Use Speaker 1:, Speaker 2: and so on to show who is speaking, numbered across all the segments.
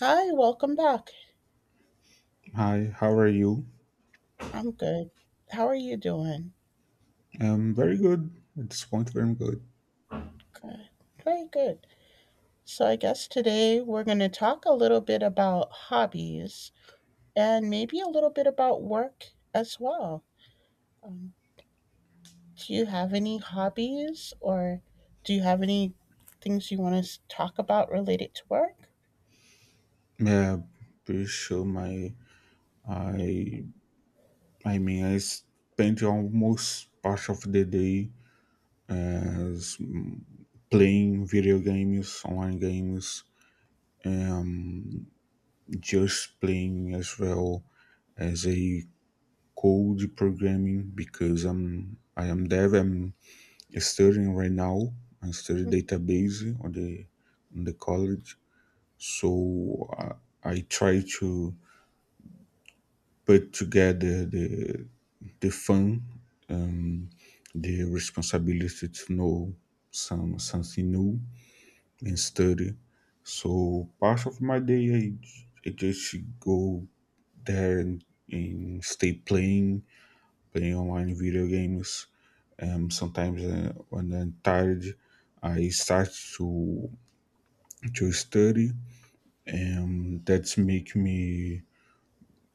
Speaker 1: Hi, welcome back.
Speaker 2: Hi, how are you?
Speaker 1: I'm good. How are you doing?
Speaker 2: Very good. At this point, very good.
Speaker 1: Good. Very good. So, I guess today we're going to talk a little bit about hobbies and maybe a little bit about work as well. Um, do you have any hobbies or do you have any things you want to talk about related to work?
Speaker 2: Yeah, pretty sure my I I mean I spent almost part of the day as playing video games, online games, um, just playing as well as a code programming because I am dev. I'm studying right now. I study
Speaker 1: Hmm.
Speaker 2: database on the college, so I try to put together the fun, um, the responsibility to know something new and study. So part of my day, I just go there and stay playing, playing online video games. Sometimes when I'm tired, I start to to study, and that's make me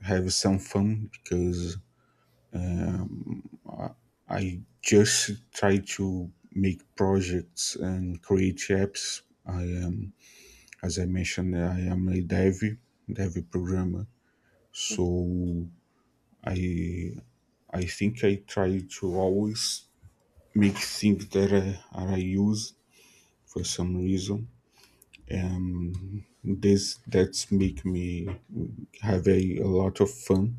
Speaker 2: have some fun because Um, I I just try to make projects and create apps. I am, as I mentioned, I am a dev programmer. So I I think I try to always make things that I use for some reason. And this that's make me have a lot of fun.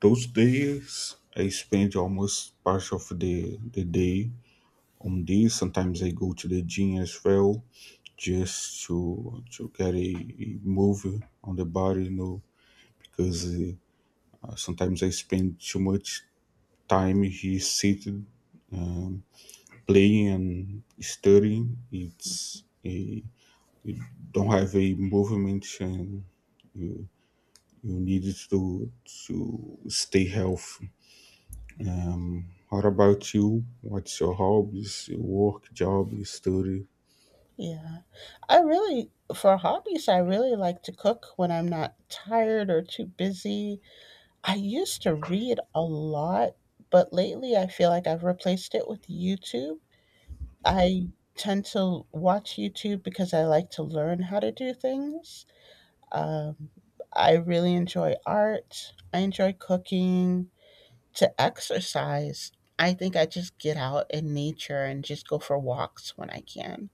Speaker 2: Those days I spend almost part of the day on this. Sometimes I go to the gym as well, just to get a movie on the body, because sometimes I spend too much time here seated, um, playing and studying. It's a you don't have a movement and you you need to stay healthy. What about you? What's your hobbies? Your work, job, your study?
Speaker 1: Yeah, I really, for hobbies, I really like to cook when I'm not tired or too busy. I used to read a lot, but lately I feel like I've replaced it with YouTube. I tend to watch YouTube because I like to learn how to do things. Um, I really enjoy art, I enjoy cooking, to exercise. I think I just get out in nature and just go for walks when I can.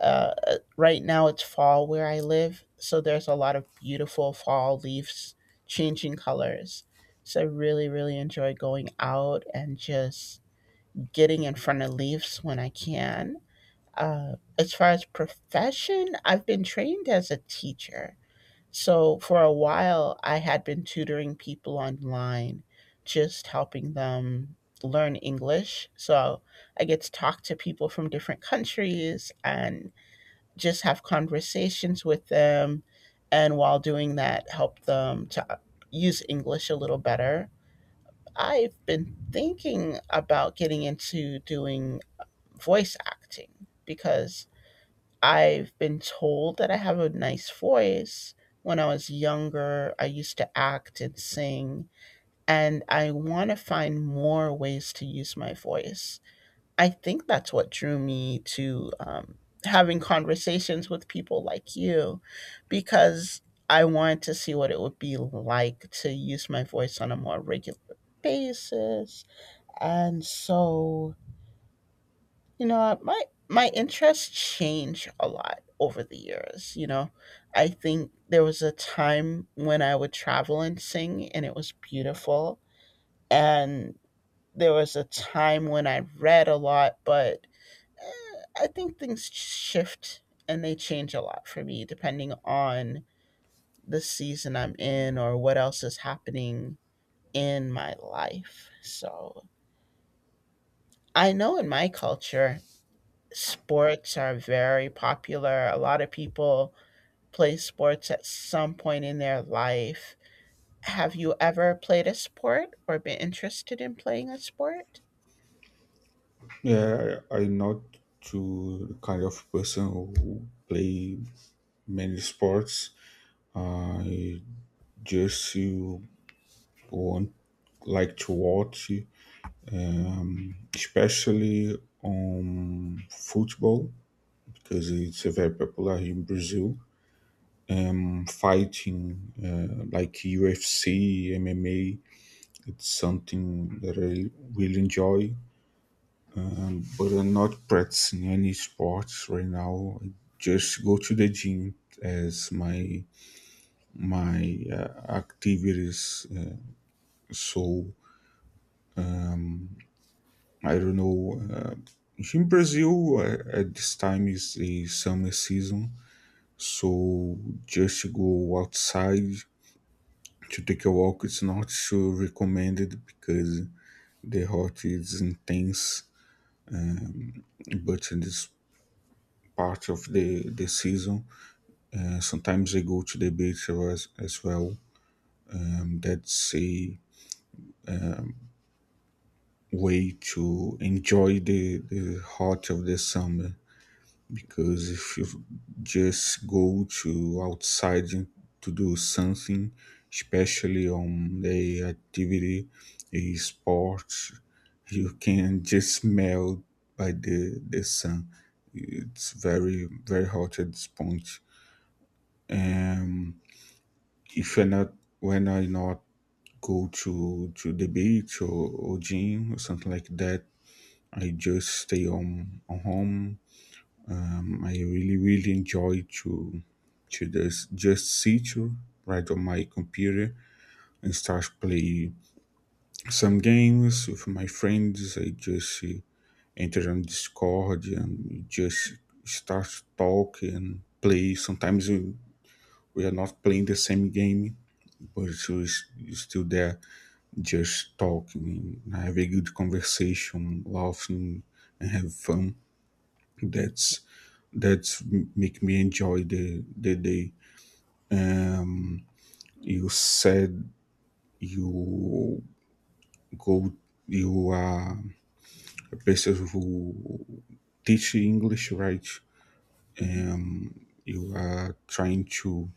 Speaker 1: Right now it's fall where I live, so there's a lot of beautiful fall leaves changing colors. So I really, really enjoy going out and just getting in front of leaves when I can. As far as profession, I've been trained as a teacher. So for a while, I had been tutoring people online, just helping them learn English. So I get to talk to people from different countries and just have conversations with them and while doing that help them to use english a little better. I've been thinking about getting into doing voice acting because I've been told that I have a nice voice. When I was younger I used to act and sing, and I want to find more ways to use my voice. I think that's what drew me to having conversations with people like you because I wanted to see what it would be like to use my voice on a more regular basis. And so, you know, my interests change a lot over the years, you know. I think there was a time when I would travel and sing and it was beautiful, and there was a time when I read a lot, but I think things shift and they change a lot for me depending on the season I'm in or what else is happening in my life. So I know in my culture, sports are very popular. A lot of people play sports at some point in their life. Have you ever played a sport or been interested in playing a sport?
Speaker 2: Yeah, I'm not to the kind of person who play many sports. I just you want like to watch, especially on football because it's very popular in Brazil. Fighting like UFC, MMA, it's something that I really enjoy. But I'm not practicing any sports right now. I just go to the gym as my activities. So I don't know. In Brazil, at this time is the summer season, so just to go outside to take a walk it's not so recommended because the hot is intense. But in this part of the season, sometimes I go to the beach as well. That's a way to enjoy the heart of the summer because if you just go to outside to do something, especially on the activity, a sport, you can just melt by the sun. It's very, very hot at this point. Um, if you're not, when I not go to the beach or gym or something like that I just stay home. I really really enjoy to just sit right on my computer and start play some games with my friends. I just enter on Discord and just start talk and play. Sometimes we are not playing the same game, but it's still there, just talking, have a good conversation, laughing, and have fun. That's that's make me enjoy the day. Um, you said you go you are a person who teach English, right? You are trying to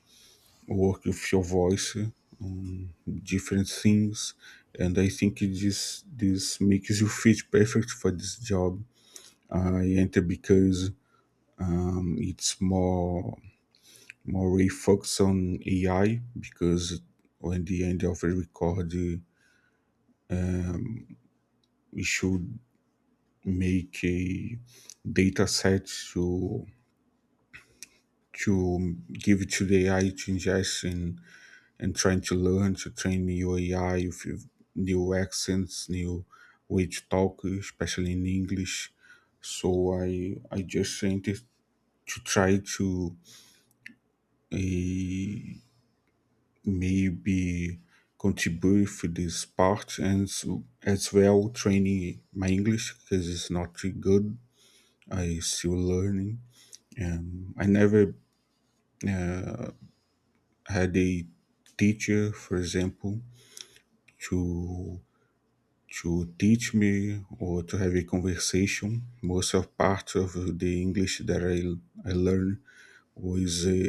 Speaker 2: work with your voice on different things, and I think it just this makes you fit perfect for this job. I enter because it's more we focus on AI because when the end of the record, we should make a data set to to give it to the AI to ingest and trying to learn to train new AI with new accents, new way to talk, especially in English. So I just sent it to try to uh, maybe contribute for this part and so, as well training my English because it's not too good. I still learning. I never had a teacher, for example, to to teach me or to have a conversation. Most of part of the English that I learned was uh,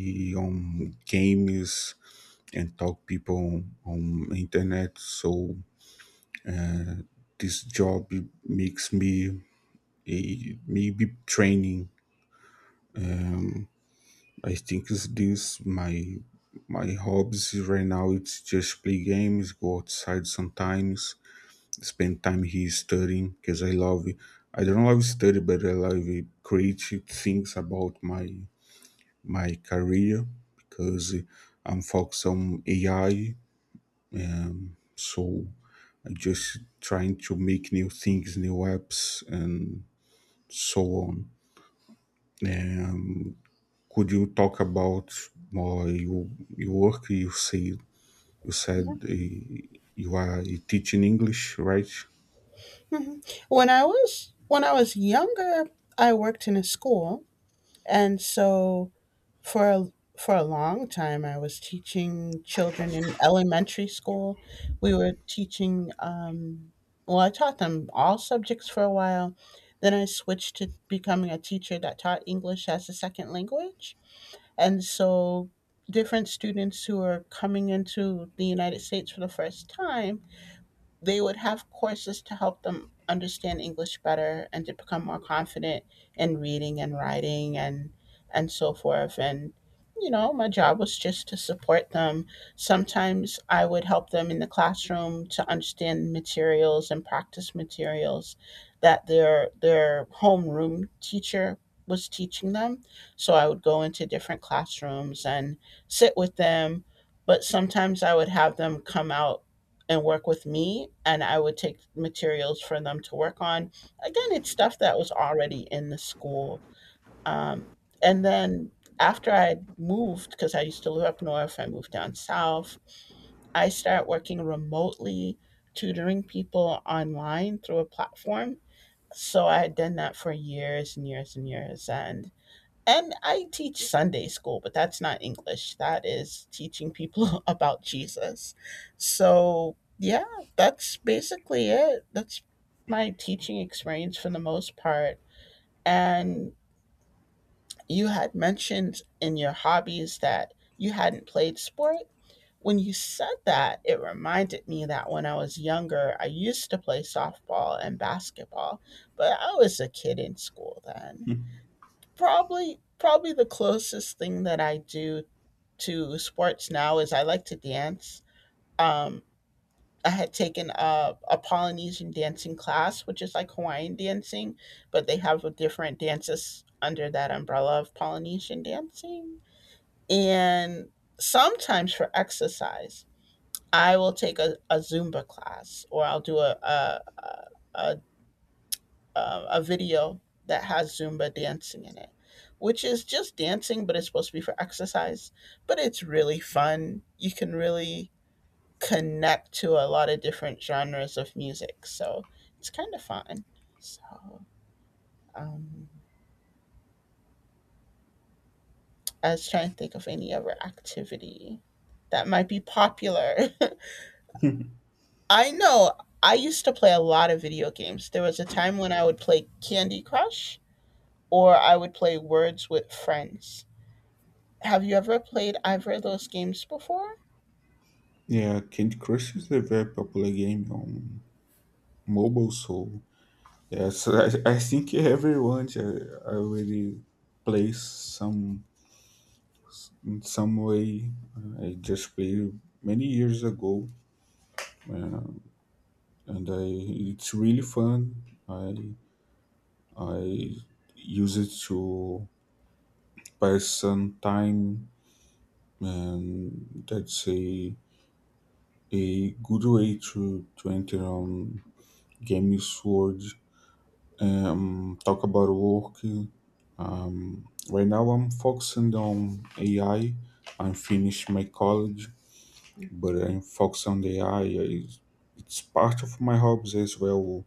Speaker 2: eh, on games and talk people on internet. So this job makes me maybe training. Um, I think it's this my my hobbies right now. It's just play games, go outside sometimes, spend time here studying because I love it. I don't love study, but I love it. Creative things about my my career because I'm focused on AI. So I'm just trying to make new things, new apps, and so on. Um, Could you talk about more your work? You said you are teaching English, right?
Speaker 1: Mhm. When I was younger, I worked in a school. And so for a, for a long time, I was teaching children in elementary school. We were teaching, well, I taught them all subjects for a while. Then I switched to becoming a teacher that taught English as a second language. And so different students who are coming into the United States for the first time, they would have courses to help them understand English better and to become more confident in reading and writing and so forth. And you know my job was just to support them. Sometimes I would help them in the classroom to understand materials and practice materials that their homeroom teacher was teaching them. So I would go into different classrooms and sit with them, but sometimes I would have them come out and work with me and I would take materials for them to work on. Again it's stuff that was already in the school. um, and then after I moved, because I used to live up north, I moved down south. I started working remotely, tutoring people online through a platform. So I had done that for years and years and years. And I teach Sunday school, but that's not English. That is teaching people about Jesus. So, yeah, that's basically it. That's my teaching experience for the most part. And you had mentioned in your hobbies that you hadn't played sport. When you said that, it reminded me that when I was younger, I used to play softball and basketball, but I was a kid in school then. Probably the closest thing that I do to sports now is I like to dance. Um, I had taken a Polynesian dancing class, which is like Hawaiian dancing, but they have a different dances under that umbrella of Polynesian dancing. And sometimes for exercise, I will take a Zumba class, or I'll do a a video that has Zumba dancing in it, which is just dancing, but it's supposed to be for exercise. But it's really fun. You can really connect to a lot of different genres of music. So it's kind of fun. So um, I was trying to think of any other activity that might be popular. I know I used to play a lot of video games. There was a time when I would play Candy Crush or I would play Words with Friends. Have you ever played either of those games before?
Speaker 2: Yeah, Candy Crush is a very popular game on mobile, so yes, I think everyone already plays some in some way. I just played many years ago, and I it's really fun. I I use it to Person time, and that's a good way to enter on games world. Talk about work. Right now I'm focusing on AI. I'm finished my college, but I'm focused on the AI. It's part of my hobbies as well.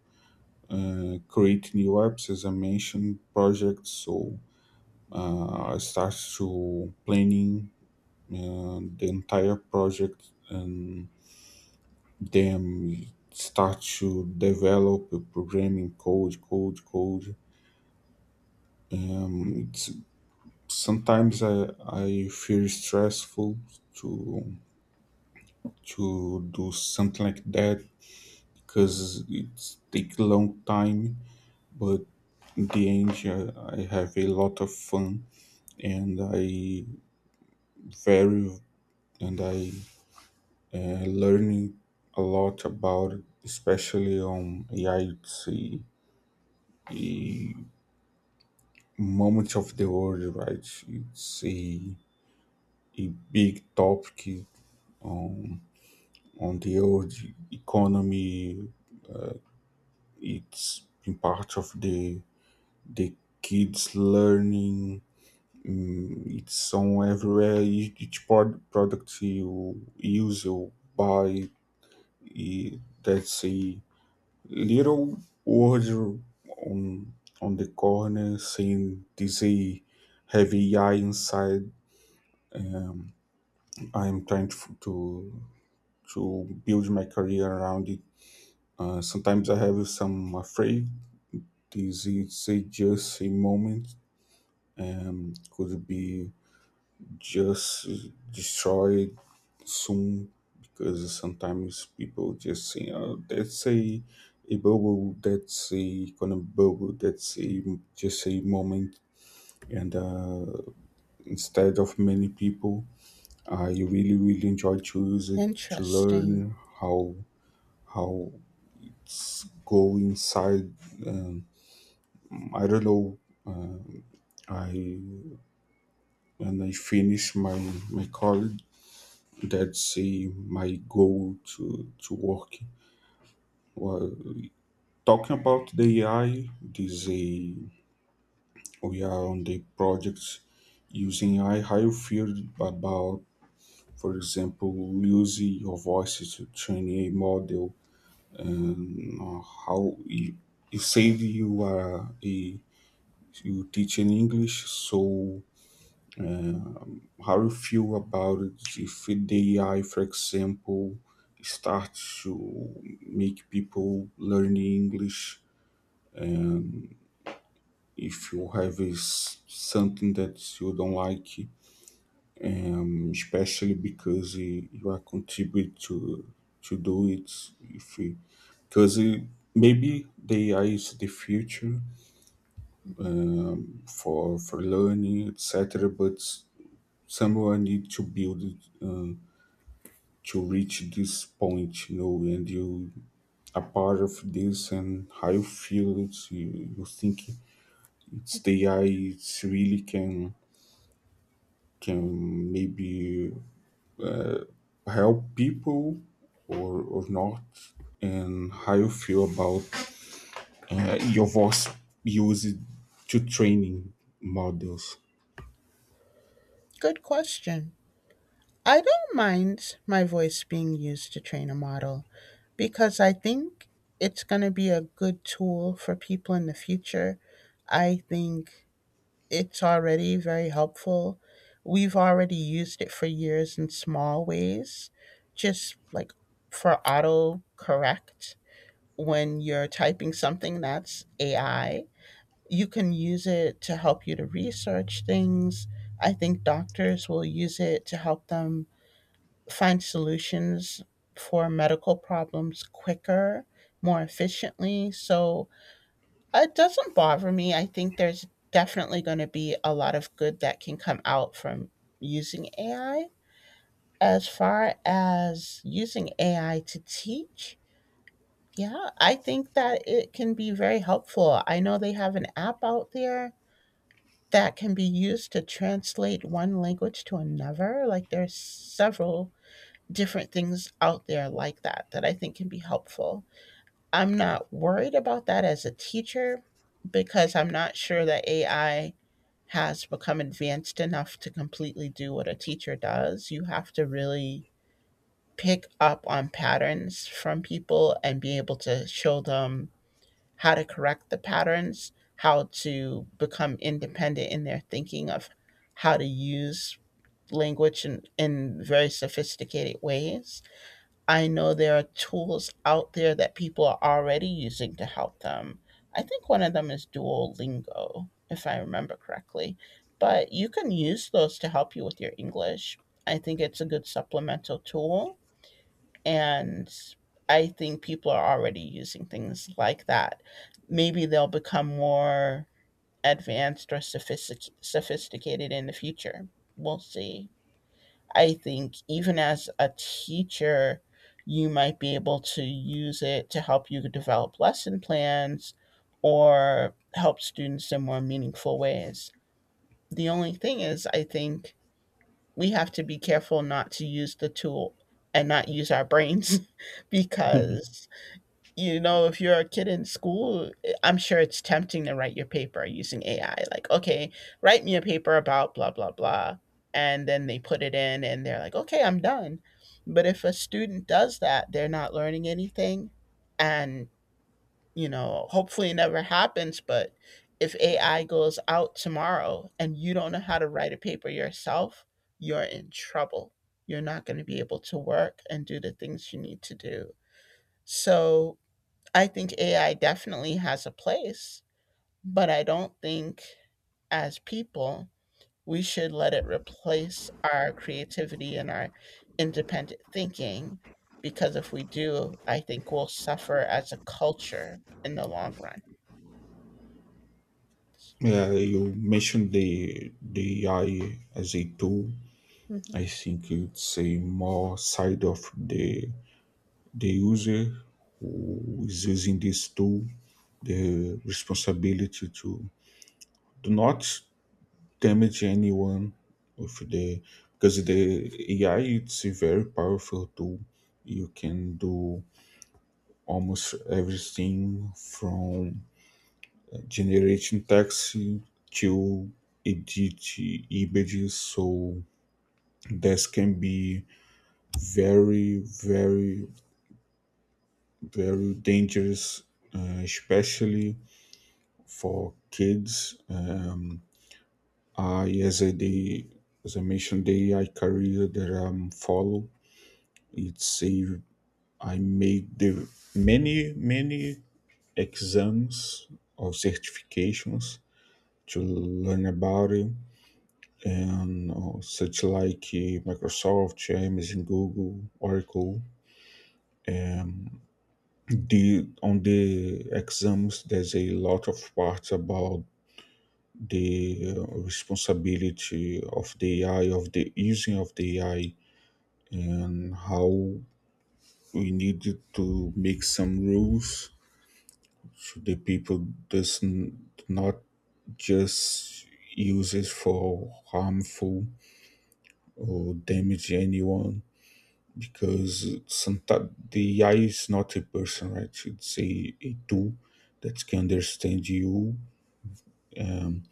Speaker 2: Create new apps, as I mentioned, projects. So I start to planning the entire project and them start to develop a programming code. It's sometimes I feel stressful to to do something like that because it take long time. But in the end, I have a lot of fun and I very and I learning a lot about it, especially on yeah, it's a moment of the world, right? It's a big topic on on the world economy. It's been part of the kids learning. Mm, it's on everywhere. Each product you use, you buy, that's a little word on on the corner saying this a heavy eye inside. Um, I'm trying to build my career around it. Sometimes I have some afraid. This is just a moment. Could be just destroyed soon because sometimes people just say, "Oh, that's a bubble. That's a kind of bubble. That's a just a moment." And instead of many people, I really really enjoy to use it to
Speaker 1: Interesting.
Speaker 2: learn how go inside. Um, I don't know. Um, I when I finish my my college, that's my goal to work. Well, talking about the AI, we are on the projects using AI. How you feel about, for example, using your voice to train a model, and you said you are a you teach in English, so uh, how you feel about it if the AI, for example, starts to make people learn English if you have is something that you don't like, especially because you are contribute to do it. If because maybe the AI is the future for learning, etc. But someone need to build it. To reach this point, and you are part of this and how you feel it, you think it's the AI, it really can maybe help people or not and how you feel about your voice used to training models.
Speaker 1: Good question. I don't mind my voice being used to train a model because I think it's going to be a good tool for people in the future. I think it's already very helpful. We've already used it for years in small ways, just like for auto correct when you're typing something. That's AI. You can use it to help you to research things. I think doctors will use it to help them find solutions for medical problems quicker, more efficiently. So it doesn't bother me. I think there's definitely going to be a lot of good that can come out from using AI. As far as using AI to teach, yeah, I think that it can be very helpful. I know they have an app out there that can be used to translate one language to another. Like there's several different things out there like that that I think can be helpful. I'm not worried about that as a teacher because I'm not sure that AI has become advanced enough to completely do what a teacher does. You have to really pick up on patterns from people and be able to show them how to correct the patterns, how to become independent in their thinking of how to use language in very sophisticated ways. I know there are tools out there that people are already using to help them. I think one of them is Duolingo, if I remember correctly. But you can use those to help you with your English. I think it's a good supplemental tool, and I think people are already using things like that. Maybe they'll become more sophisticated in the future. We'll see. I think even as a teacher, you might be able to use it to help you develop lesson plans or help students in more meaningful ways. The only thing is, I think we have to be careful not to use the tool and not use our brains because you know, if you're a kid in school, I'm sure it's tempting to write your paper using AI. Like, okay, write me a paper about blah, blah, blah. And then they put it in and they're like, okay, I'm done. But if a student does that, they're not learning anything. And, you know, hopefully it never happens. But if AI goes out tomorrow and you don't know how to write a paper yourself, you're in trouble. You're not going to be able to work and do the things you need to do. So, I think AI definitely has a place, but I don't think as people we should let it replace our creativity and our independent thinking, because if we do, I think we'll suffer as a culture in the long run.
Speaker 2: Yeah, you mentioned the AI as a tool.
Speaker 1: Mhm.
Speaker 2: I think it's a more side of the user who is using this tool the responsibility to do not damage anyone with the because the AI it's a very powerful tool. You can do almost everything from generating text to edit images. So this can be very, very, very dangerous, especially for kids. I, as I, the, as I mentioned, the AI career that I'm follow It say I made the many exams or certifications to learn about it and such like Microsoft, Amazon, Google, Oracle. Um, the on the exams there's a lot of parts about the responsibility of the AI of the using of the AI and how we need to make some rules the people doesn't not just use it for harmful or damage anyone because sometimes the AI is not a person, right? It's a tool that can understand you um,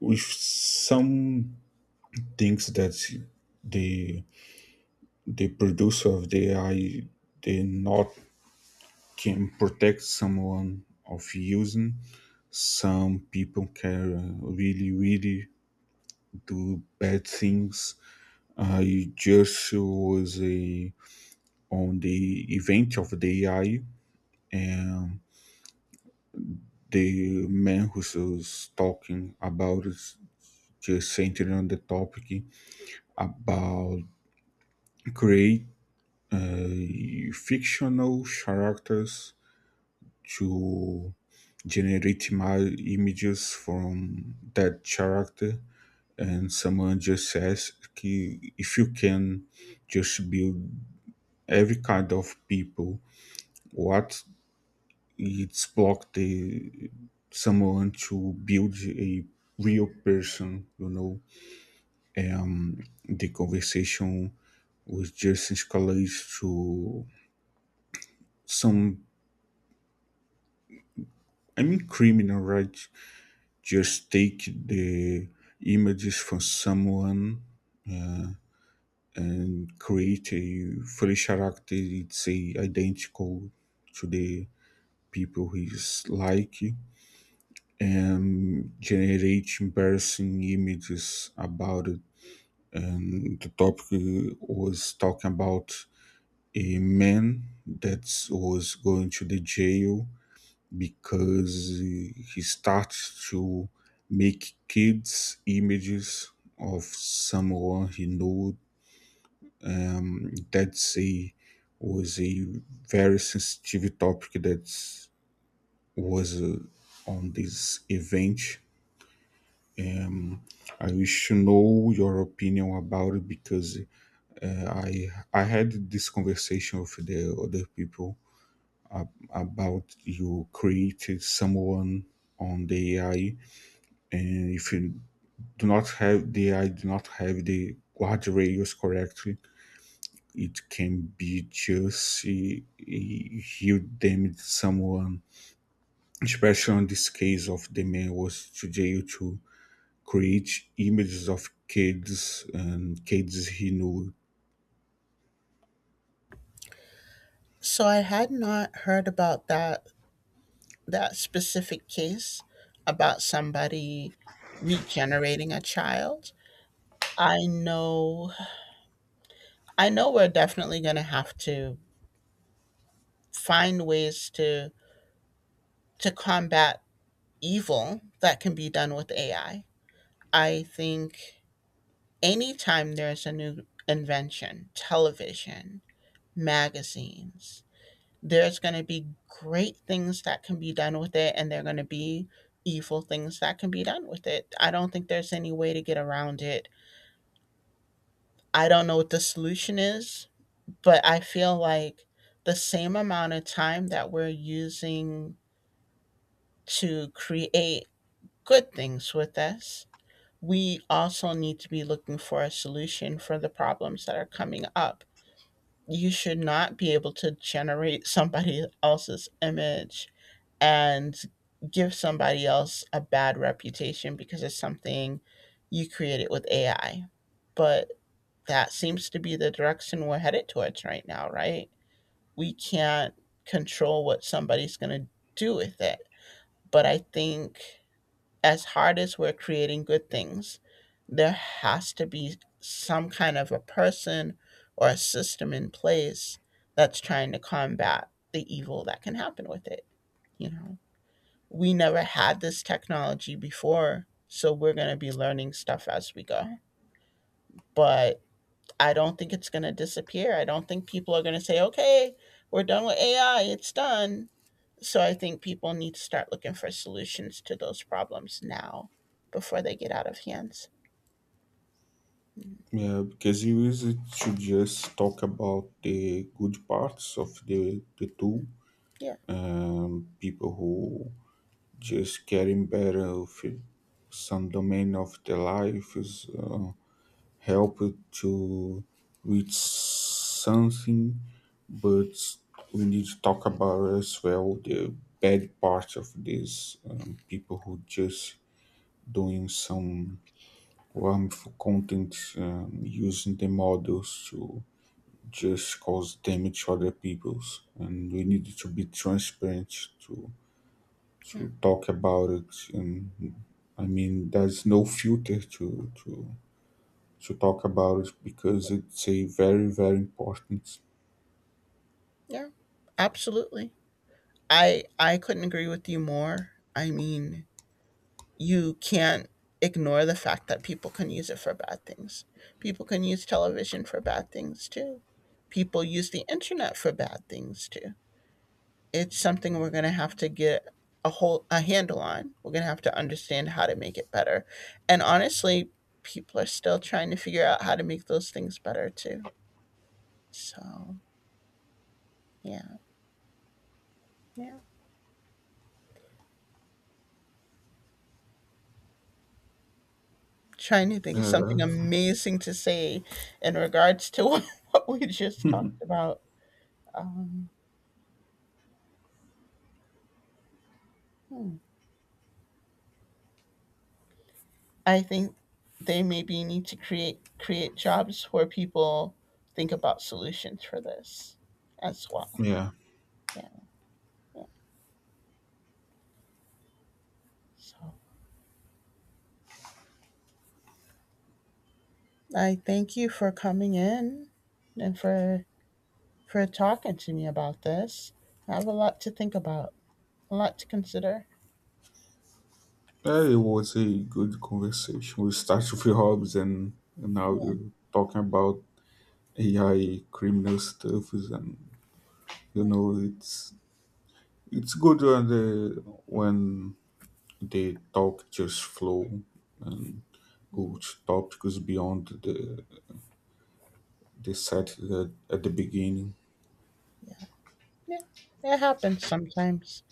Speaker 2: with some things that the the producer of the AI they not can protect someone of using. Some people can really really do bad things. I just was on the event of the AI, and the man who was talking about it just centered on the topic about create fictional characters to generate images from that character and someone just says if you can just build every kind of people what it's blocked the someone to build a real person you know." Um, the conversation was just escalates to some I mean criminal, right? Just take the images from someone and create a fully character it's a identical to the people he's like generate embarrassing images about it. And the topic was talking about a man that was going to the jail because he started to make kids images of someone he knew. That's a very sensitive topic that was on this event. Um, I wish to know your opinion about it because I had this conversation with the other people about you created someone on the AI, and if you do not have the AI, do not have the guardrails correctly, it can be just a damage someone. Especially on this case of the man was to jail too create images of kids and kids he knew.
Speaker 1: So I had not heard about that specific case about somebody regenerating a child. I know I know we're definitely going to have to find ways to combat evil that can be done with AI. I think anytime there's a new invention, television, magazines, there's going to be great things that can be done with it and there're going to be evil things that can be done with it. I don't think there's any way to get around it. I don't know what the solution is, but I feel like the same amount of time that we're using to create good things with us, we also need to be looking for a solution for the problems that are coming up. You should not be able to generate somebody else's image and give somebody else a bad reputation because it's something you created with AI. But that seems to be the direction we're headed towards right now, right? We can't control what somebody's going to do with it. But I think as hard as we're creating good things, there has to be some kind of a person or a system in place that's trying to combat the evil that can happen with it. You know, we never had this technology before, so we're going to be learning stuff as we go. But I don't think it's going to disappear. I don't think people are going to say, okay, we're done with AI, it's done. So I think people need to start looking for solutions to those problems now before they get out of hands. Mm.
Speaker 2: Yeah, because he used to just talk about the good parts of the tool,
Speaker 1: Yeah,
Speaker 2: people who just getting better of it. Some domain of their life is help to reach something, but we need to talk about as well the bad parts of this people who just doing some harmful content using the models to just cause damage to other people's and we need to be transparent to
Speaker 1: yeah,
Speaker 2: to talk about it and I mean there's no filter to talk about it because it's a very very important.
Speaker 1: yeah. Absolutely. I couldn't agree with you more. I mean, you can't ignore the fact that people can use it for bad things. People can use television for bad things too. People use the internet for bad things too. It's something we're going to have to get a handle on. We're going to have to understand how to make it better. And honestly, people are still trying to figure out how to make those things better too. So, yeah. Yeah. Trying to think of
Speaker 2: Uh,
Speaker 1: something amazing to say in regards to what we just talked about. Um, hmm. I think they maybe need to create jobs where people think about solutions for this as well.
Speaker 2: yeah
Speaker 1: Yeah. Yeah. So I thank you for coming in and for talking to me about this. I have a lot to think about, a lot to consider.
Speaker 2: It was a good conversation. We started with hobbies and now you're
Speaker 1: Yeah,
Speaker 2: talking about AI criminal stuff and you
Speaker 1: yeah,
Speaker 2: know it's good when they talk just flow and good topics beyond the set that at the beginning.
Speaker 1: yeah. Yeah, it happens sometimes.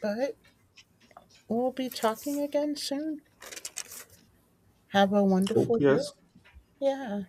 Speaker 1: But we'll be talking again soon. Have a
Speaker 2: Hope
Speaker 1: wonderful day.
Speaker 2: yes.
Speaker 1: Yeah.